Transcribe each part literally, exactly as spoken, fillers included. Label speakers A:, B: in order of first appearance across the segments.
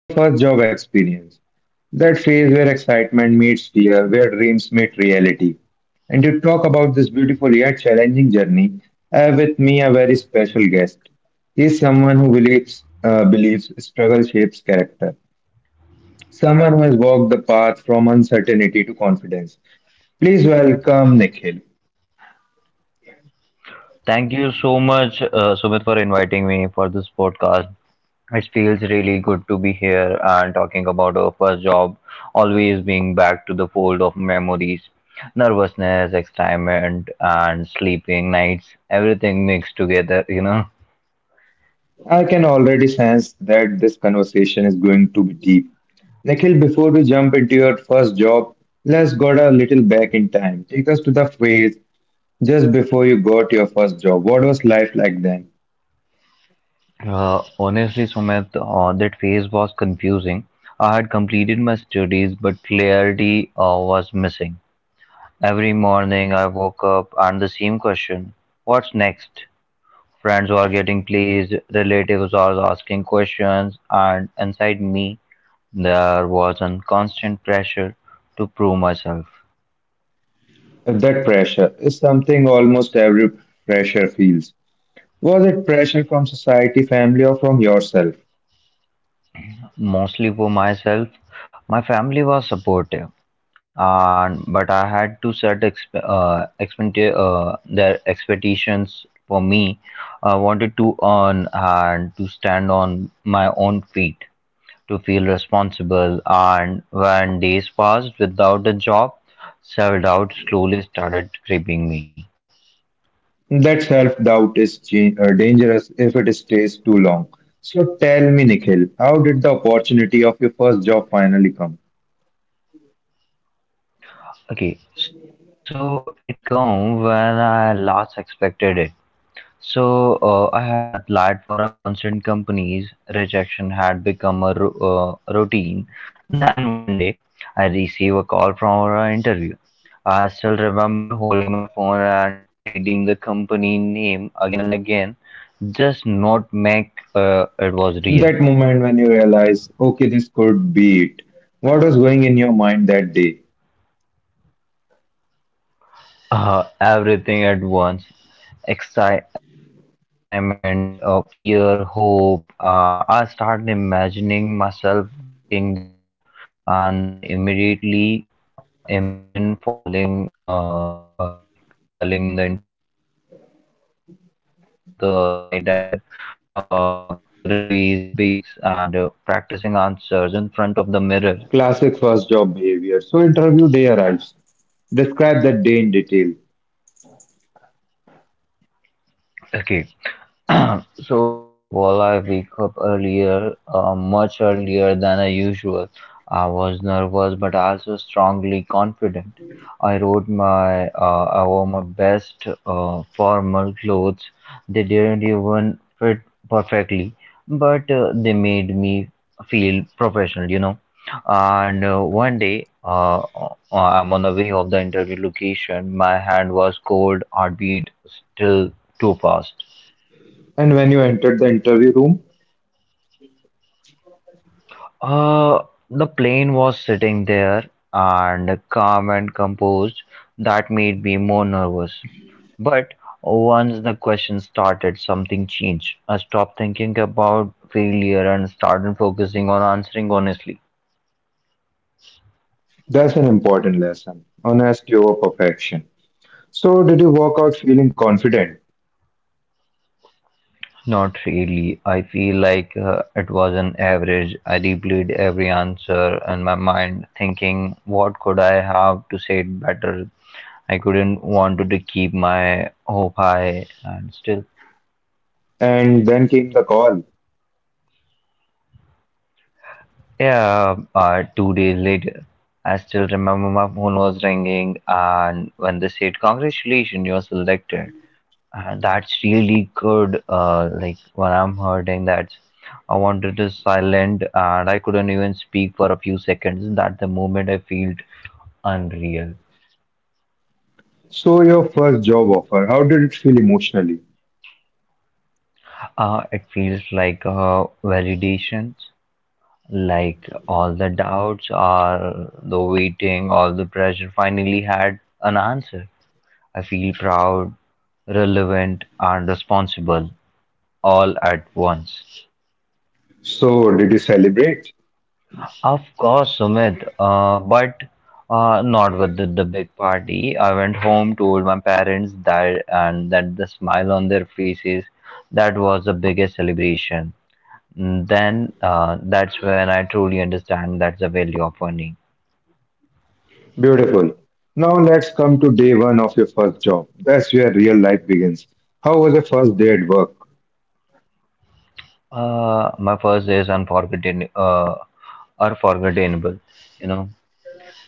A: Your first job experience. That phase where excitement meets fear, where dreams meet reality. And to talk about this beautiful yet challenging journey, I have with me a very special guest. He is someone who believes uh, believes struggle shapes character. Someone who has walked the path from uncertainty to confidence. Please welcome Nikhil.
B: Thank you so much, uh, Sumit, for inviting me for this podcast. It feels really good to be here and talking about our first job, always being back to the fold of memories, nervousness, excitement, and sleeping nights, everything mixed together, you know.
A: I can already sense that this conversation is going to be deep. Nikhil, before we jump into your first job, let's go a little back in time. Take us to the phase just before you got your first job. What was life like then?
B: Uh, honestly, Sumit, uh, that phase was confusing. I had completed my studies, but clarity uh, was missing. Every morning I woke up and the same question, what's next? Friends were getting pleased, relatives were asking questions, and inside me, there was a constant pressure to prove myself.
A: That pressure is something almost every fresher feels. Was it pressure from society, family, or from yourself?
B: Mostly for myself, my family was supportive, and but I had to set exp- uh, expecta- uh, their expectations for me. I wanted to earn and to stand on my own feet, to feel responsible, and when days passed without a job, self-doubt slowly started creeping me.
A: That self doubt is cha- uh, dangerous if it stays too long. So tell me, Nikhil, how did the opportunity of your first job finally come?
B: Okay, so it come when I last expected it. So uh, I had applied for a constant companies. Rejection had become a ru- uh, routine. Then one day, I received a call from an interview. I still remember holding my phone and reading the company name again and again, just not make uh, it was real.
A: That moment when you realize, okay, this could be it. What was going in your mind that day?
B: Uh, everything at once. Exci- excitement, uh, fear, hope. Uh, I started imagining myself working there and then immediately uh, imagine falling, uh, uh, like failing the interviews. I prepared late into the night and uh, revised basics and uh, practicing answers in front of the mirror.
A: Classic first job behavior. So, interview day arrives. Describe that day in detail.
B: Okay, so first of all, I wake up earlier, uh, much earlier than I usual. I was nervous, but also strongly confident. I wrote my, uh, I wore my best uh, formal clothes. They didn't even fit perfectly, but uh, they made me feel professional, you know. And uh, one day, uh, uh, I'm on the way of the interview location. My hand was cold, heartbeat still too fast.
A: And when you entered the interview room,
B: Uh, the plane was sitting there and calm and composed. That made me more nervous. But once the question started, something changed. I stopped thinking about failure and started focusing on answering honestly.
A: that's an important lesson, honesty over perfection. So, did you walk out feeling confident?
B: Not really. I feel like uh, it was an average. I replayed every answer in my mind, thinking, what could I have to say it better? I couldn't want to keep my hope high, and still.
A: And then came the call.
B: Yeah, uh, two days later, I still remember my phone was ringing, and when they said, Congratulations, you're selected. And that's really good. Uh, like, when I'm hurting, that I wanted to silent, and I couldn't even speak for a few seconds. That the moment I felt unreal.
A: So, your first job offer, how did it feel emotionally?
B: Uh, it feels like uh, validations, like all the doubts, all the waiting, all the pressure finally had an answer. I feel proud, relevant, and responsible all at once.
A: So, did you celebrate?
B: Of course, Sumit, uh, but uh, not with the the big party. I went home, told my parents that, and that the smile on their faces, that was the biggest celebration. Mm, then uh, that's when I truly understand that's the value of earning.
A: Beautiful. Now let's come to day one of your first job. That's where real life begins. How was your first day at work?
B: Uh, my first is unforgettable, uh, unforgettable, you know.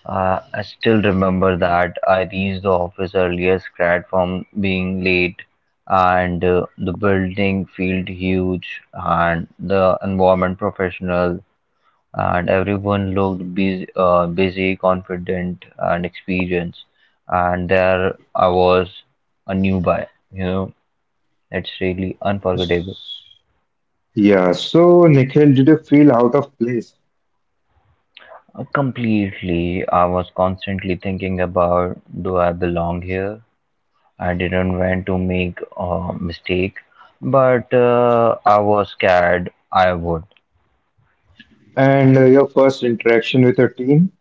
B: Uh, I still remember that I reached the office earlier, grad from being late, and uh, the building felt huge, and the environment professional, and everyone looked busy, uh, busy, confident, and experienced. And there I was, a newbie. You know, it's really unforgettable.
A: Yeah, so Nikhil, did you feel out of place?
B: Uh, Completely, I was constantly thinking about, do I belong here? I didn't want to make a mistake, but uh, I was scared I would.
A: And uh, your first interaction with your team?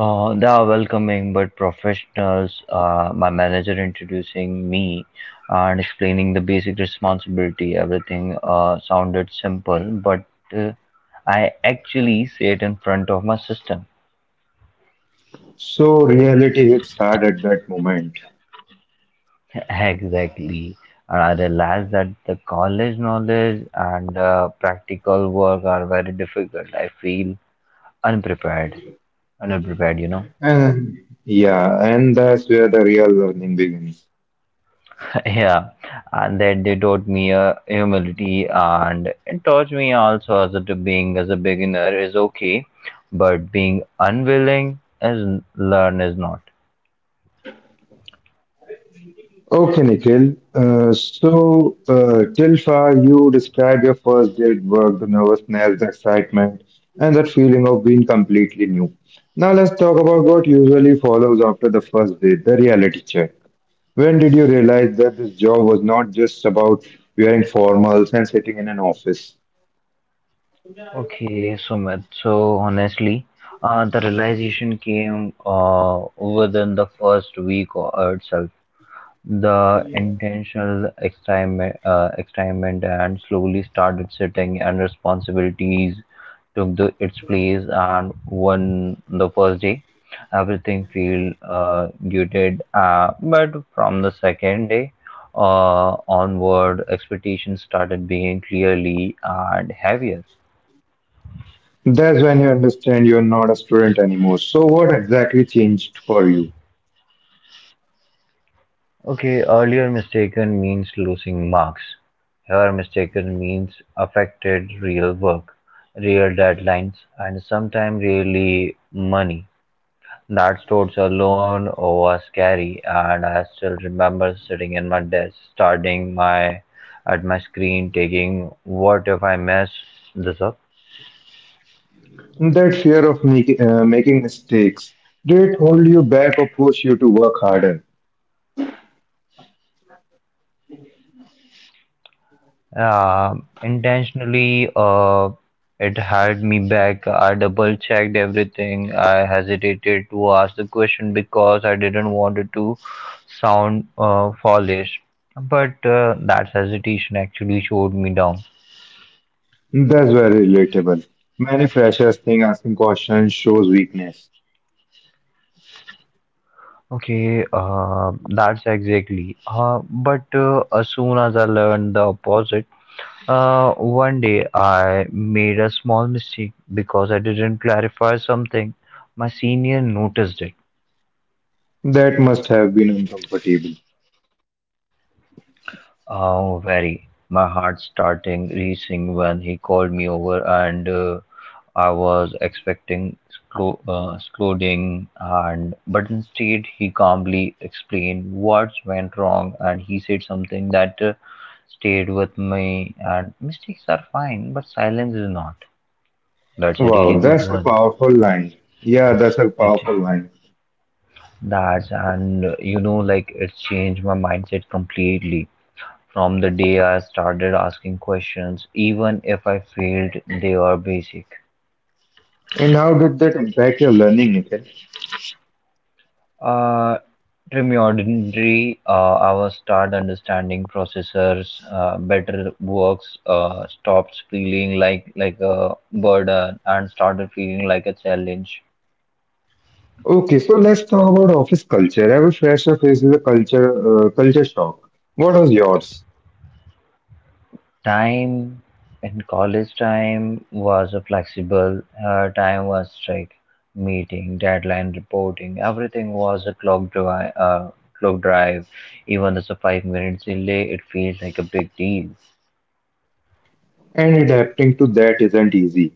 B: Uh, they are welcoming but professionals. Uh, my manager introducing me and explaining the basic responsibility. Everything uh, sounded simple, but uh, I actually sat in front of my system.
A: So reality hits hard at that moment.
B: Exactly. And I realized that the college knowledge and uh, practical work are very difficult. I feel unprepared, underprepared, you know.
A: And yeah, and that's where the real learning begins.
B: Yeah, and that they taught me uh, humility, and it taught me also as a, to being as a beginner is okay, but being unwilling is learn is not.
A: Okay, Nikhil. Uh, so, uh, till far, you described your first day at work, the nervousness, the excitement, and that feeling of being completely new. Now, let's talk about what usually follows after the first day, the reality check. When did you realize that this job was not just about wearing formals and sitting in an office?
B: Okay, Sumit. So honestly, uh, the realization came uh, within the first week or itself. The intentional experiment, uh, experiment and slowly started sitting, and responsibilities took the, its place. And one the first day, everything feel uh, muted. Uh, but from the second day uh, onward, expectations started being clearly and heavier.
A: That's when you understand you're not a student anymore. So, what exactly changed for you?
B: Okay, earlier mistaken means losing marks. Here mistaken means affected real work, real deadlines, and sometimes really money. That thoughts alone was scary, and I still remember sitting in my desk, starting my at my screen, taking, what if I mess this up?
A: That fear of make, uh, making mistakes, did it hold you back or push you to work harder?
B: Uh, intentionally, uh, it held me back. I double checked everything. I hesitated to ask the question because I didn't want it to sound uh, foolish. But uh, that hesitation actually showed me down.
A: That's very relatable. Many freshers think asking questions shows weakness.
B: Okay, uh, that's exactly. Uh, but uh, as soon as I learned the opposite, uh, one day I made a small mistake because I didn't clarify something. My senior noticed it.
A: That must have been uncomfortable.
B: Oh, very. My heart starting racing when he called me over, and uh, I was expecting explo- uh, exploding. And but instead, he calmly explained what went wrong, and he said something that uh, stayed with me. And mistakes are fine, but silence is not. That's a
A: Wow,
B: really good
A: that's a
B: one.
A: powerful line. Yeah, that's a
B: It
A: powerful line.
B: that and uh, you know, like it changed my mindset completely. From the day I started asking questions, even if I failed, they were basic.
A: And how did that impact your learning, Nikhil?
B: Uh, Remedially, uh, I was start understanding processors, uh, better works, uh, stopped feeling like like a burden and started feeling like a challenge.
A: Okay, so let's talk about office culture. Every fresher faces a culture uh, culture shock. What was yours?
B: Time in college time was a flexible. Her time was strict. Meeting, deadline, reporting, everything was a clock drive. Uh, clock drive. Even as a five minutes delay, it feels like a big deal.
A: And adapting to that isn't easy.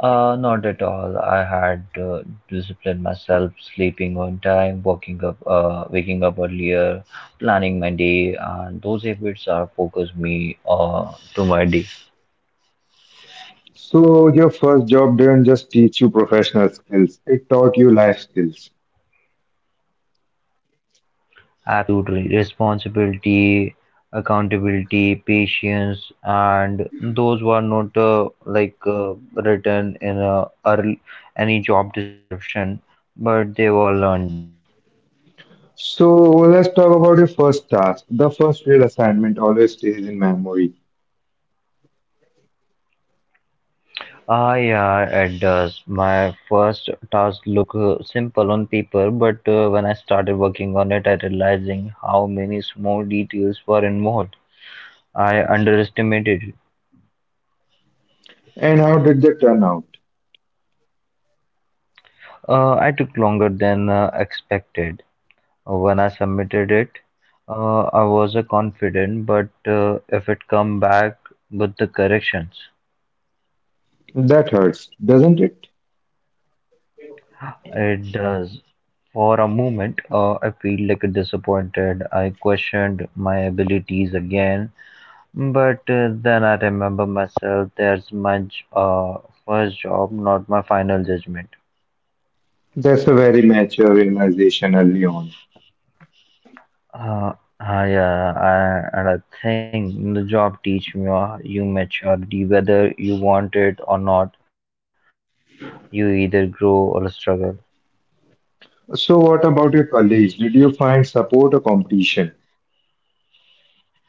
B: Uh, not at all. I had uh, disciplined myself, sleeping on time, waking up, uh, waking up earlier, planning my day, and those habits are focus me uh, to my day.
A: So your first job didn't just teach you professional skills, it taught you life skills.
B: Absolutely. Responsibility, accountability, patience, and those were not uh, like uh, written in a early, any job description, but they were learned daily.
A: So let's talk about your first task. The first real assignment always stays in memory.
B: Ah, yeah, it does. My first task look uh, simple on paper, but uh, when I started working on it, I realizing how many small details were involved. I underestimated it.
A: And how did they turn out?
B: Uh, I took longer than uh, expected. When I submitted it, uh, I wasn't confident, but uh, if it come back with the corrections,
A: That hurts, doesn't it?
B: it does. For a moment, uh, I feel like disappointed. I questioned my abilities again, but uh, then I remember myself. There's my j- uh, first job, not my final judgment.
A: That's a very mature realization early on.
B: Uh, uh, yeah, I, and I think the job teach me uh, you maturity, whether you want it or not. You either grow or struggle.
A: So what about your colleagues? Did you find support or competition?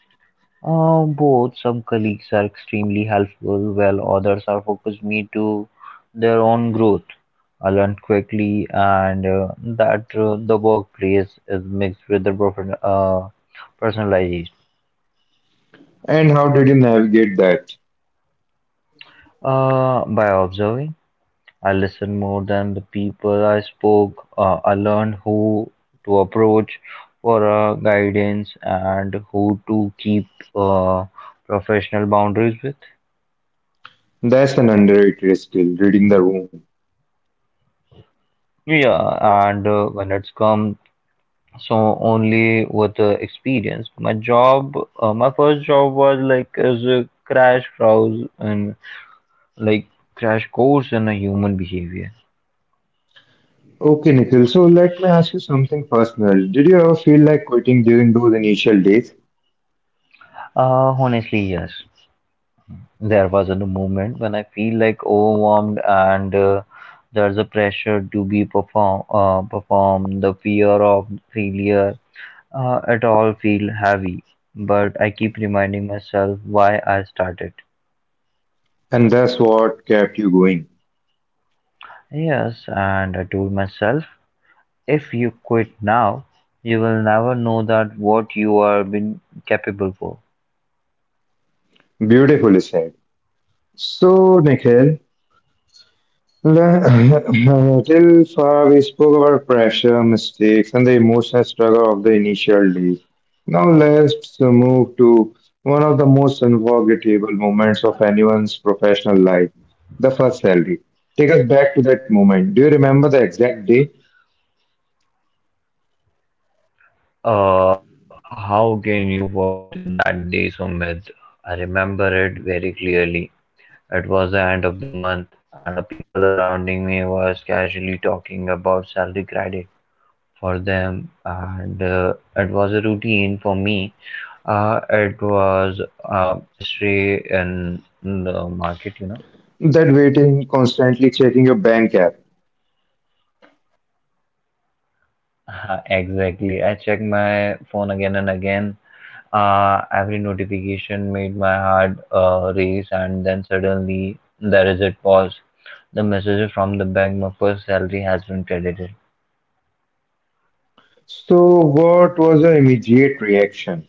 B: Uh, both. Some colleagues are extremely helpful, while others are focused me to their own growth. I learned quickly, and uh, that uh, the workplace is mixed with the prof- uh, personalization.
A: And how did you navigate that?
B: Uh, by observing, I listened more than the people I spoke. Uh, I learned who to approach for uh, guidance and who to keep uh, professional boundaries with.
A: That's an underrated skill, reading the room.
B: Yeah, and uh, when it's come, so only with the experience. My job, uh, my first job was like as a crash course and like crash course in a human behavior.
A: Okay, Nikhil. So let me ask you something personal. Did you ever feel like quitting during those initial days?
B: Uh, honestly, yes. There was a moment when I feel like overwhelmed and uh, there's a pressure to be perform uh, perform the fear of failure. Uh, it all feel heavy, but I keep reminding myself why I started.
A: And that's what kept you going.
B: Yes, and I told myself, if you quit now, you will never know that what you are been capable for.
A: Beautifully said. So, Nikhil, le- till far we spoke about pressure, mistakes, and the emotional struggle of the initial days. Now let's move to one of the most unforgettable moments of anyone's professional life, the first salary. Take us back to that moment. Do you remember the exact day?
B: Uh, how can you forget in that day, Sumit? I remember it very clearly. It was the end of the month, and the people around me was casually talking about salary credit for them, and uh, it was a routine for me. Uh, it was uh, history in the market, you know.
A: That waiting, constantly checking your bank app.
B: Uh, Exactly. I checked my phone again and again. Uh, every notification made my heart uh, race, and then suddenly there is a pause. The message from the bank, my first salary has been credited.
A: So, what was your immediate reaction?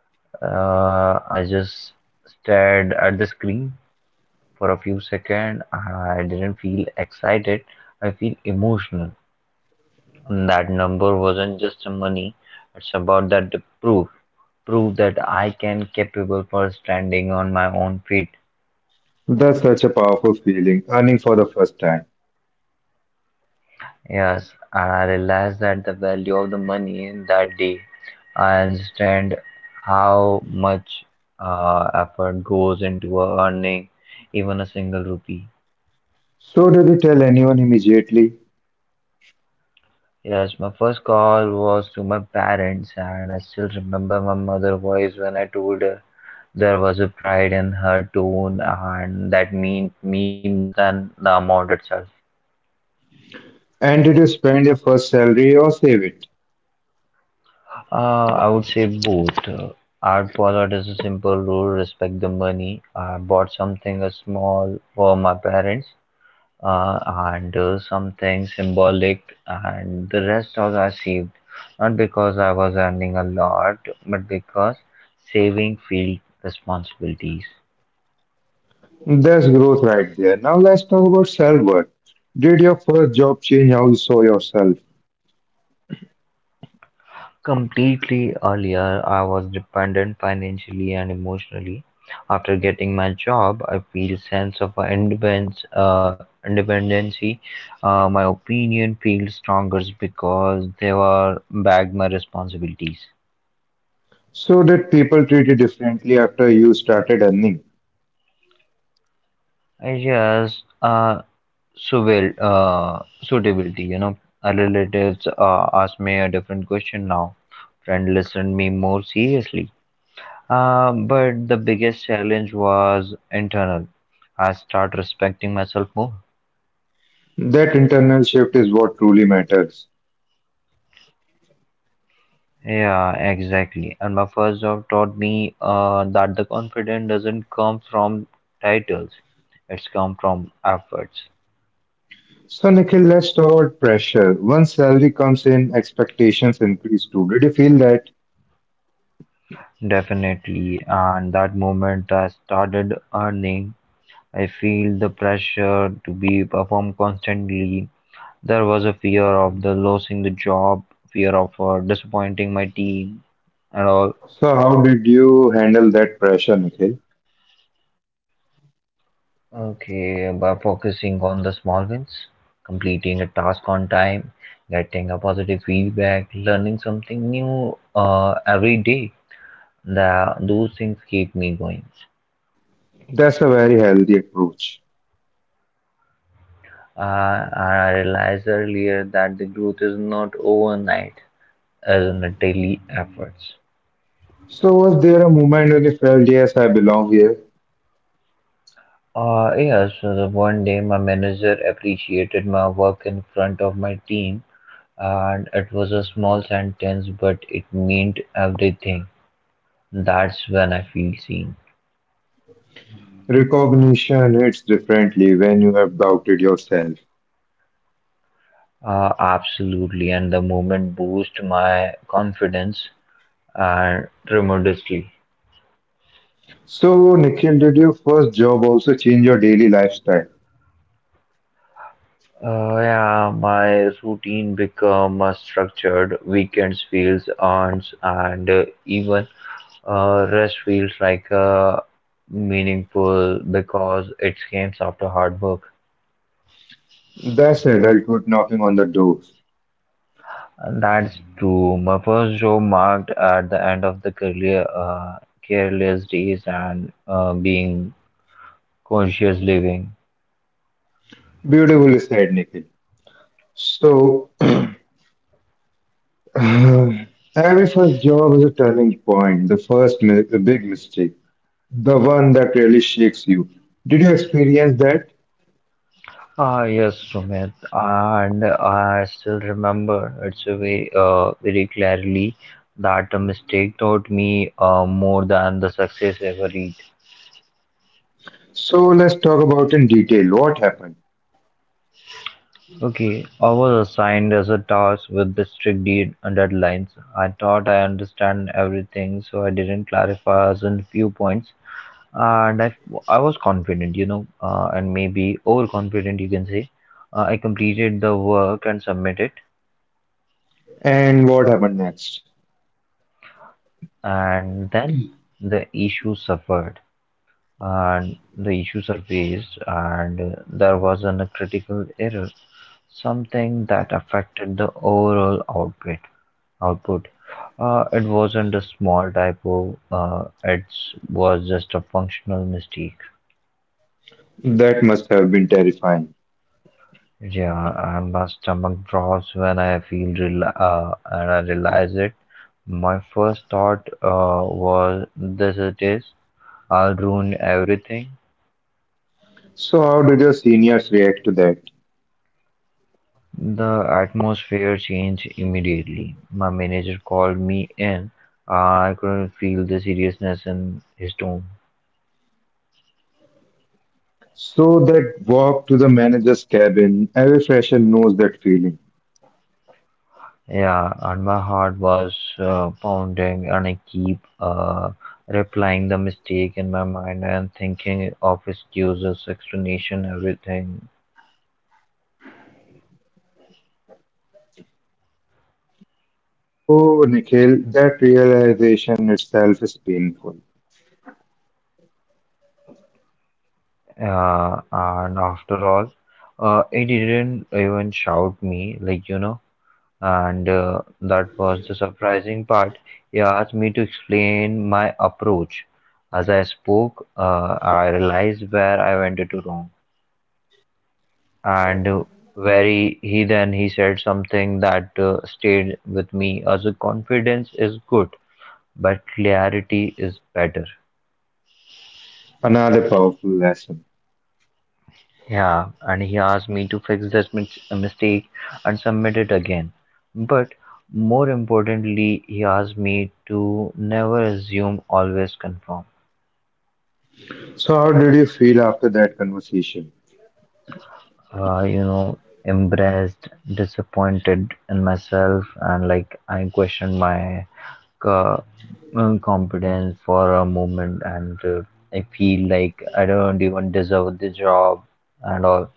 B: Uh, I just stared at the screen for a few seconds. I didn't feel excited. I feel emotional. And that number wasn't just money. It's about that proof, proof that I can capable for standing on my own feet.
A: That's such a powerful feeling, earning for the first time.
B: Yes, and I realized that the value of the money in that day. I understand how much uh, effort goes into earning even a single rupee.
A: So, did you tell anyone immediately?
B: Yes, my first call was to my parents, and I still remember my mother voice when I told her. There was a pride in her tone, and that meant me more than the amount itself.
A: And did you spend your first salary or save it?
B: Uh, I would say both. Uh, I followed as a simple rule: respect the money. I bought something uh, small for my parents, uh, and uh, something symbolic, and the rest was achieved not because I was earning a lot, but because saving field responsibilities.
A: That's growth right there. Now, let's talk about self worth. Did your first job change how you saw yourself?
B: Completely earlier, I was dependent financially and emotionally. After getting my job, I feel sense of independence, uh, independency. Uh, my opinion feels stronger because they were bagged my responsibilities.
A: So, did people treat you differently after you started earning?
B: Yes, uh, suitable, uh, suitability. You know, our relatives uh, asked me a different question now. Friend listened me more seriously. Uh, but the biggest challenge was internal. I start respecting myself more.
A: That internal shift is what truly matters.
B: Yeah, exactly. And my first job taught me uh, that the confidence doesn't come from titles; it's come from efforts.
A: So, Nikhil, let's talk about pressure. Once salary comes in, expectations increase too. Did you feel that?
B: Definitely, and that moment I started earning I feel the pressure to be perform constantly. There was a fear of the losing the job, fear of uh, disappointing my team, and all.
A: So, how did you handle that pressure, Nikhil?
B: Okay, by focusing on the small wins, completing a task on time, getting a positive feedback, learning something new uh, every day, the, those things keep me going.
A: That's a very healthy approach.
B: Uh, and I realized earlier that the growth is not overnight, as in a daily efforts.
A: So, was there a moment when you felt, yes, I belong here?
B: Uh, yeah, so the one day my manager appreciated my work in front of my team, and it was a small sentence, but it meant everything. That's when I feel seen.
A: Recognition hits differently when you have doubted yourself.
B: Uh, absolutely, and the moment boost my confidence and tremendously.
A: So, Nikhil, did your first job also change your daily lifestyle?
B: Uh, yeah, my routine become a structured. Weekends feels earned, and uh, even Uh, rest feels like uh, meaningful because it came after hard work.
A: That's adulthood knocking on the door.
B: And that's true. My first job marked at the end of the career, uh, careless days and uh, being conscious living.
A: Beautifully said, Nikhil. So, Uh, Every first job is a turning point, the first mi- the big mistake, the one that really shakes you. Did you experience that?
B: Ah, yes, Sumit. And I still remember it's a way uh, very clearly that a mistake taught me uh, more than the success ever reached.
A: So let's talk about in detail what happened
B: Okay, I was assigned as a task with the strict de- deadlines. I thought I understand everything, so I didn't clarify as in few points, and I, I was confident, you know, uh, and maybe overconfident, you can say. Uh, I completed the work and submitted,
A: and what happened next.
B: and then the issue suffered, and the issue surfaced, and uh, there was an, a critical error something that affected the overall output. Output. Uh, it wasn't a small typo. Uh, it was just a functional mistake.
A: That must have been terrifying.
B: Yeah, and my stomach drops when I feel rela uh, and I realize it. My first thought uh, was, "This it is. I'll ruin everything."
A: So how did your seniors react to that?
B: The atmosphere changed immediately. My manager called me in. I couldn't feel the seriousness in his tone.
A: So that walk to the manager's cabin, every fresher knows that feeling.
B: Yeah, and my heart was uh, pounding, and I keep uh, replying the mistake in my mind and thinking of excuses, explanation, everything.
A: Oh, Nikhil, that realization itself is painful.
B: Uh, and after all, uh, he didn't even shout me, like you know. And uh, that was the surprising part. He asked me to explain my approach. As I spoke, uh, I realized where I went to wrong. And uh, very he he then he said something that uh, stayed with me as a confidence is good but clarity is better.
A: Another powerful lesson.
B: Yeah, and he asked me to fix this mis- mistake and submit it again, but more importantly he asked me to never assume, always confirm.
A: So, how did you feel after that conversation?
B: Uh, you know, embarrassed, disappointed in myself, and like I questioned my co- uh, mm, competence for a moment, and uh, I feel like I don't even deserve the job and all.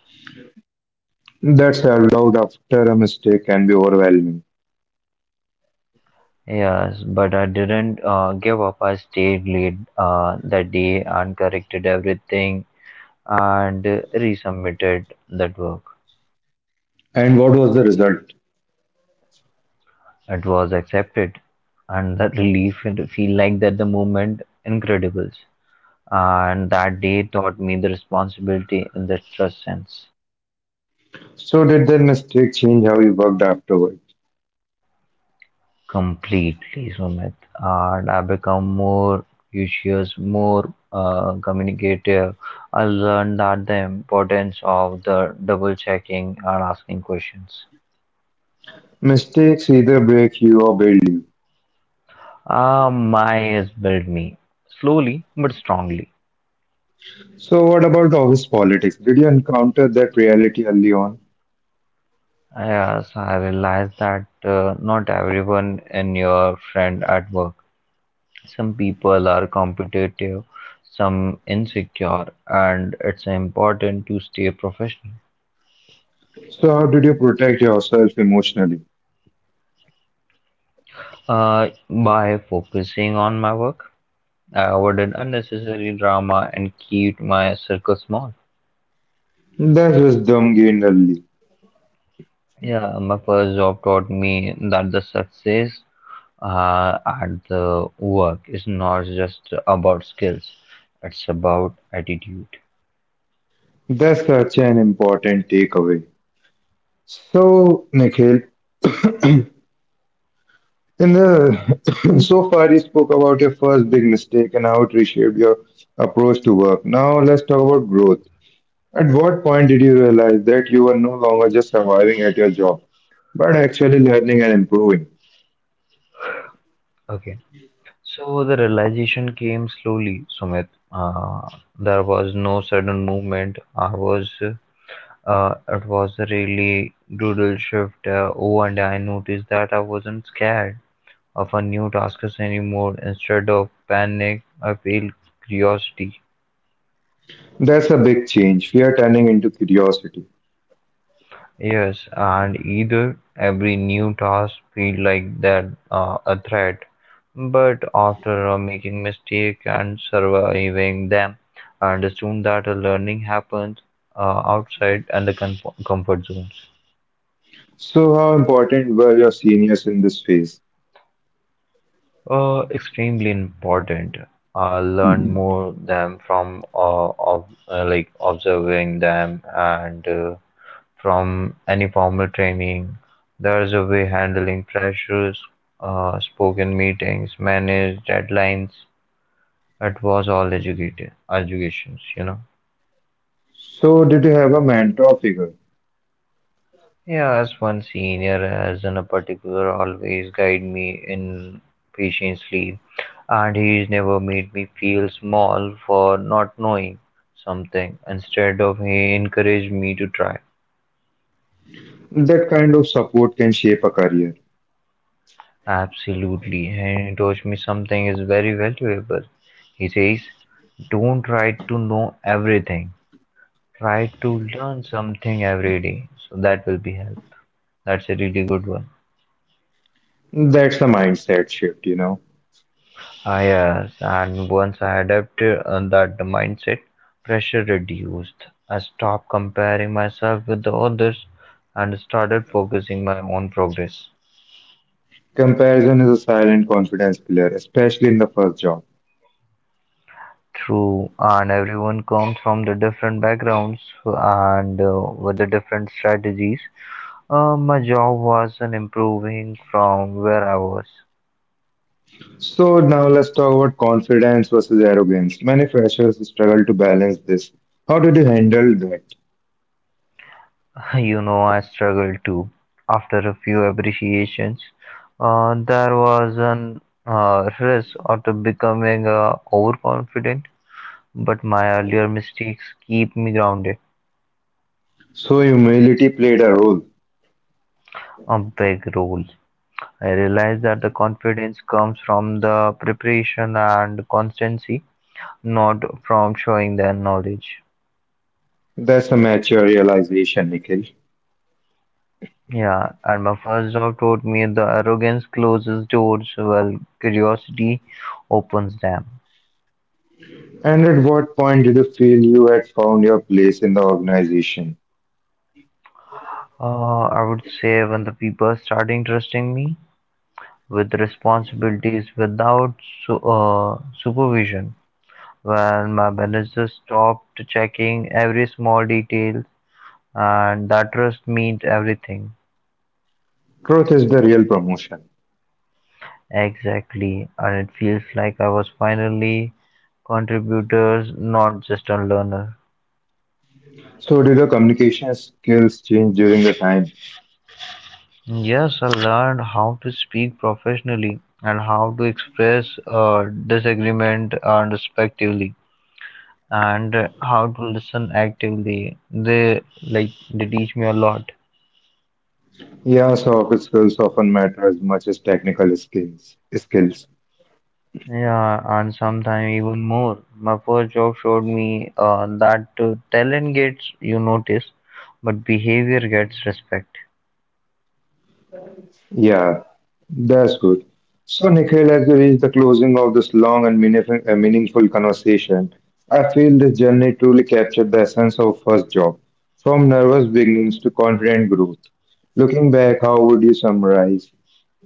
A: That self doubt after a mistake can be overwhelming.
B: Yes, but I didn't uh, give up. I stayed late uh, that day and corrected everything and uh, resubmitted that work.
A: And what was the result?
B: It was accepted, and that relief and feel like that the moment incredible. And that day taught me the responsibility in the trust sense.
A: So, did that mistake change how you worked afterward?
B: Completely, Sumit, and I become more curious, more uh, communicative. I learned that the importance of the double checking and asking questions.
A: Mistakes either break you or build you.
B: Uh, my has built me slowly but strongly.
A: So, what about office politics? Did you encounter that reality early on?
B: Yes, I realized that uh, not everyone in your friend at work. Some people are competitive, some insecure, and it's important to stay professional.
A: So, how did you protect yourself emotionally?
B: Uh, by focusing on my work, I avoided unnecessary drama and kept my circle small.
A: That's wisdom gained early.
B: Yeah, my first job taught me that the success uh, at the work is not just about skills, it's about attitude.
A: That's such an important takeaway. So, Nikhil, And uh, so far, you spoke about your first big mistake and how it reshaped your approach to work. Now, let's talk about growth. At what point did you realize that you were no longer just surviving at your job, but actually learning and improving?
B: Okay. So the realization came slowly, Sumit. Uh, there was no sudden movement. I was, uh, it was a really brutal shift. Uh, oh, and I noticed that I wasn't scared of a new task anymore. Instead of panic, I felt curiosity.
A: That's a big change, fear turning into curiosity.
B: Yes, and either every new task feel like that uh, a threat, but after uh, making mistake and surviving them, I understood that uh, learning happens uh, outside and the comfo- comfort zones.
A: So, how important were your seniors in this phase?
B: Uh, extremely important. I learn more them from uh, of uh, like observing them and uh, from any formal training. There's a way handling pressures, uh, spoken meetings, managed deadlines. It was all educated educations, you know.
A: So, did you have a mentor figure?
B: Yeah, as one senior as in a particular always guide me in patiently and he's never made me feel small for not knowing something. Instead of he encouraged me to try.
A: That kind of support can shape a career.
B: Absolutely, and he taught me something is very valuable. He says, don't try to know everything. Try to learn something every day. So that will be help. That's a really good one.
A: That's a mindset shift, you know.
B: Ah, yes, and once I adapted uh, that mindset, pressure reduced. I stopped comparing myself with the others and started focusing my own progress.
A: Comparison is a silent confidence killer, especially in the first job.
B: True, and everyone comes from the different backgrounds and uh, with the different strategies. Uh, my job wasn't improving from where I was.
A: So now let's talk about confidence versus arrogance. Many freshers struggle to balance this. How did you handle that?
B: You know, I struggled too. After a few appreciations, uh, there was an uh, risk of to becoming uh, overconfident, but my earlier mistakes keep me grounded.
A: So humility played a role.
B: A big role. I realized that the confidence comes from the preparation and constancy, not from showing their knowledge.
A: That's a mature realization, Nikhil.
B: Yeah, and my first job taught me the arrogance closes doors while curiosity opens them.
A: And at what point did you feel you had found your place in the organization?
B: Uh, I would say when the people starting trusting me with responsibilities without su- uh, supervision, when my manager stopped checking every small detail, and that trust means everything.
A: Growth is the real promotion.
B: Exactly, and it feels like I was finally contributors, not just a learner.
A: So did your communication skills change during the time?
B: Yes, I learned how to speak professionally and how to express uh, disagreement and respectively, and uh, how to listen actively. They like they teach me a lot.
A: Yeah, soft skills often matter as much as technical skills. Skills.
B: Yeah, and sometimes even more. My first job showed me uh, that uh, talent gets you notice, but behavior gets respect.
A: Yeah, that's good. So, Nikhil, as we reach the closing of this long and meaningful, uh, meaningful conversation, I feel this journey truly captured the essence of first job, from nervous beginnings to confident growth. Looking back, how would you summarize?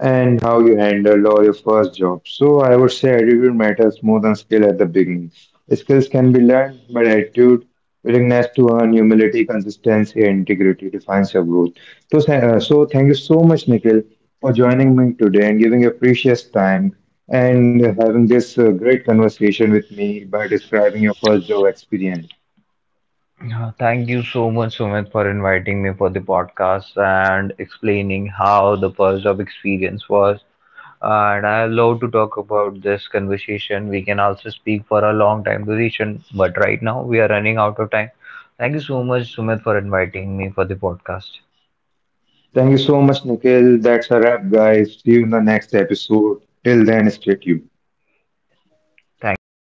A: And how you handled or your first job. So I would say attitude matters more than skill at the beginning. Skills can be learned, but attitude, willingness to earn, humility, consistency, and integrity defines your growth. So, tha- uh, so thank you so much, Nikhil, for joining me today and giving your precious time and having this uh, great conversation with me by describing your first job experience.
B: Yeah, thank you so much, Sumit, for inviting me for the podcast and explaining how the first job experience was. And I love to talk about this conversation. We can also speak for a long time duration, but right now we are running out of time. Thank you so much, Sumit, for inviting me for the podcast.
A: Thank you so much, Nikhil. That's a wrap, guys. See you in the next episode. Till then, stay tuned.
B: Thank you.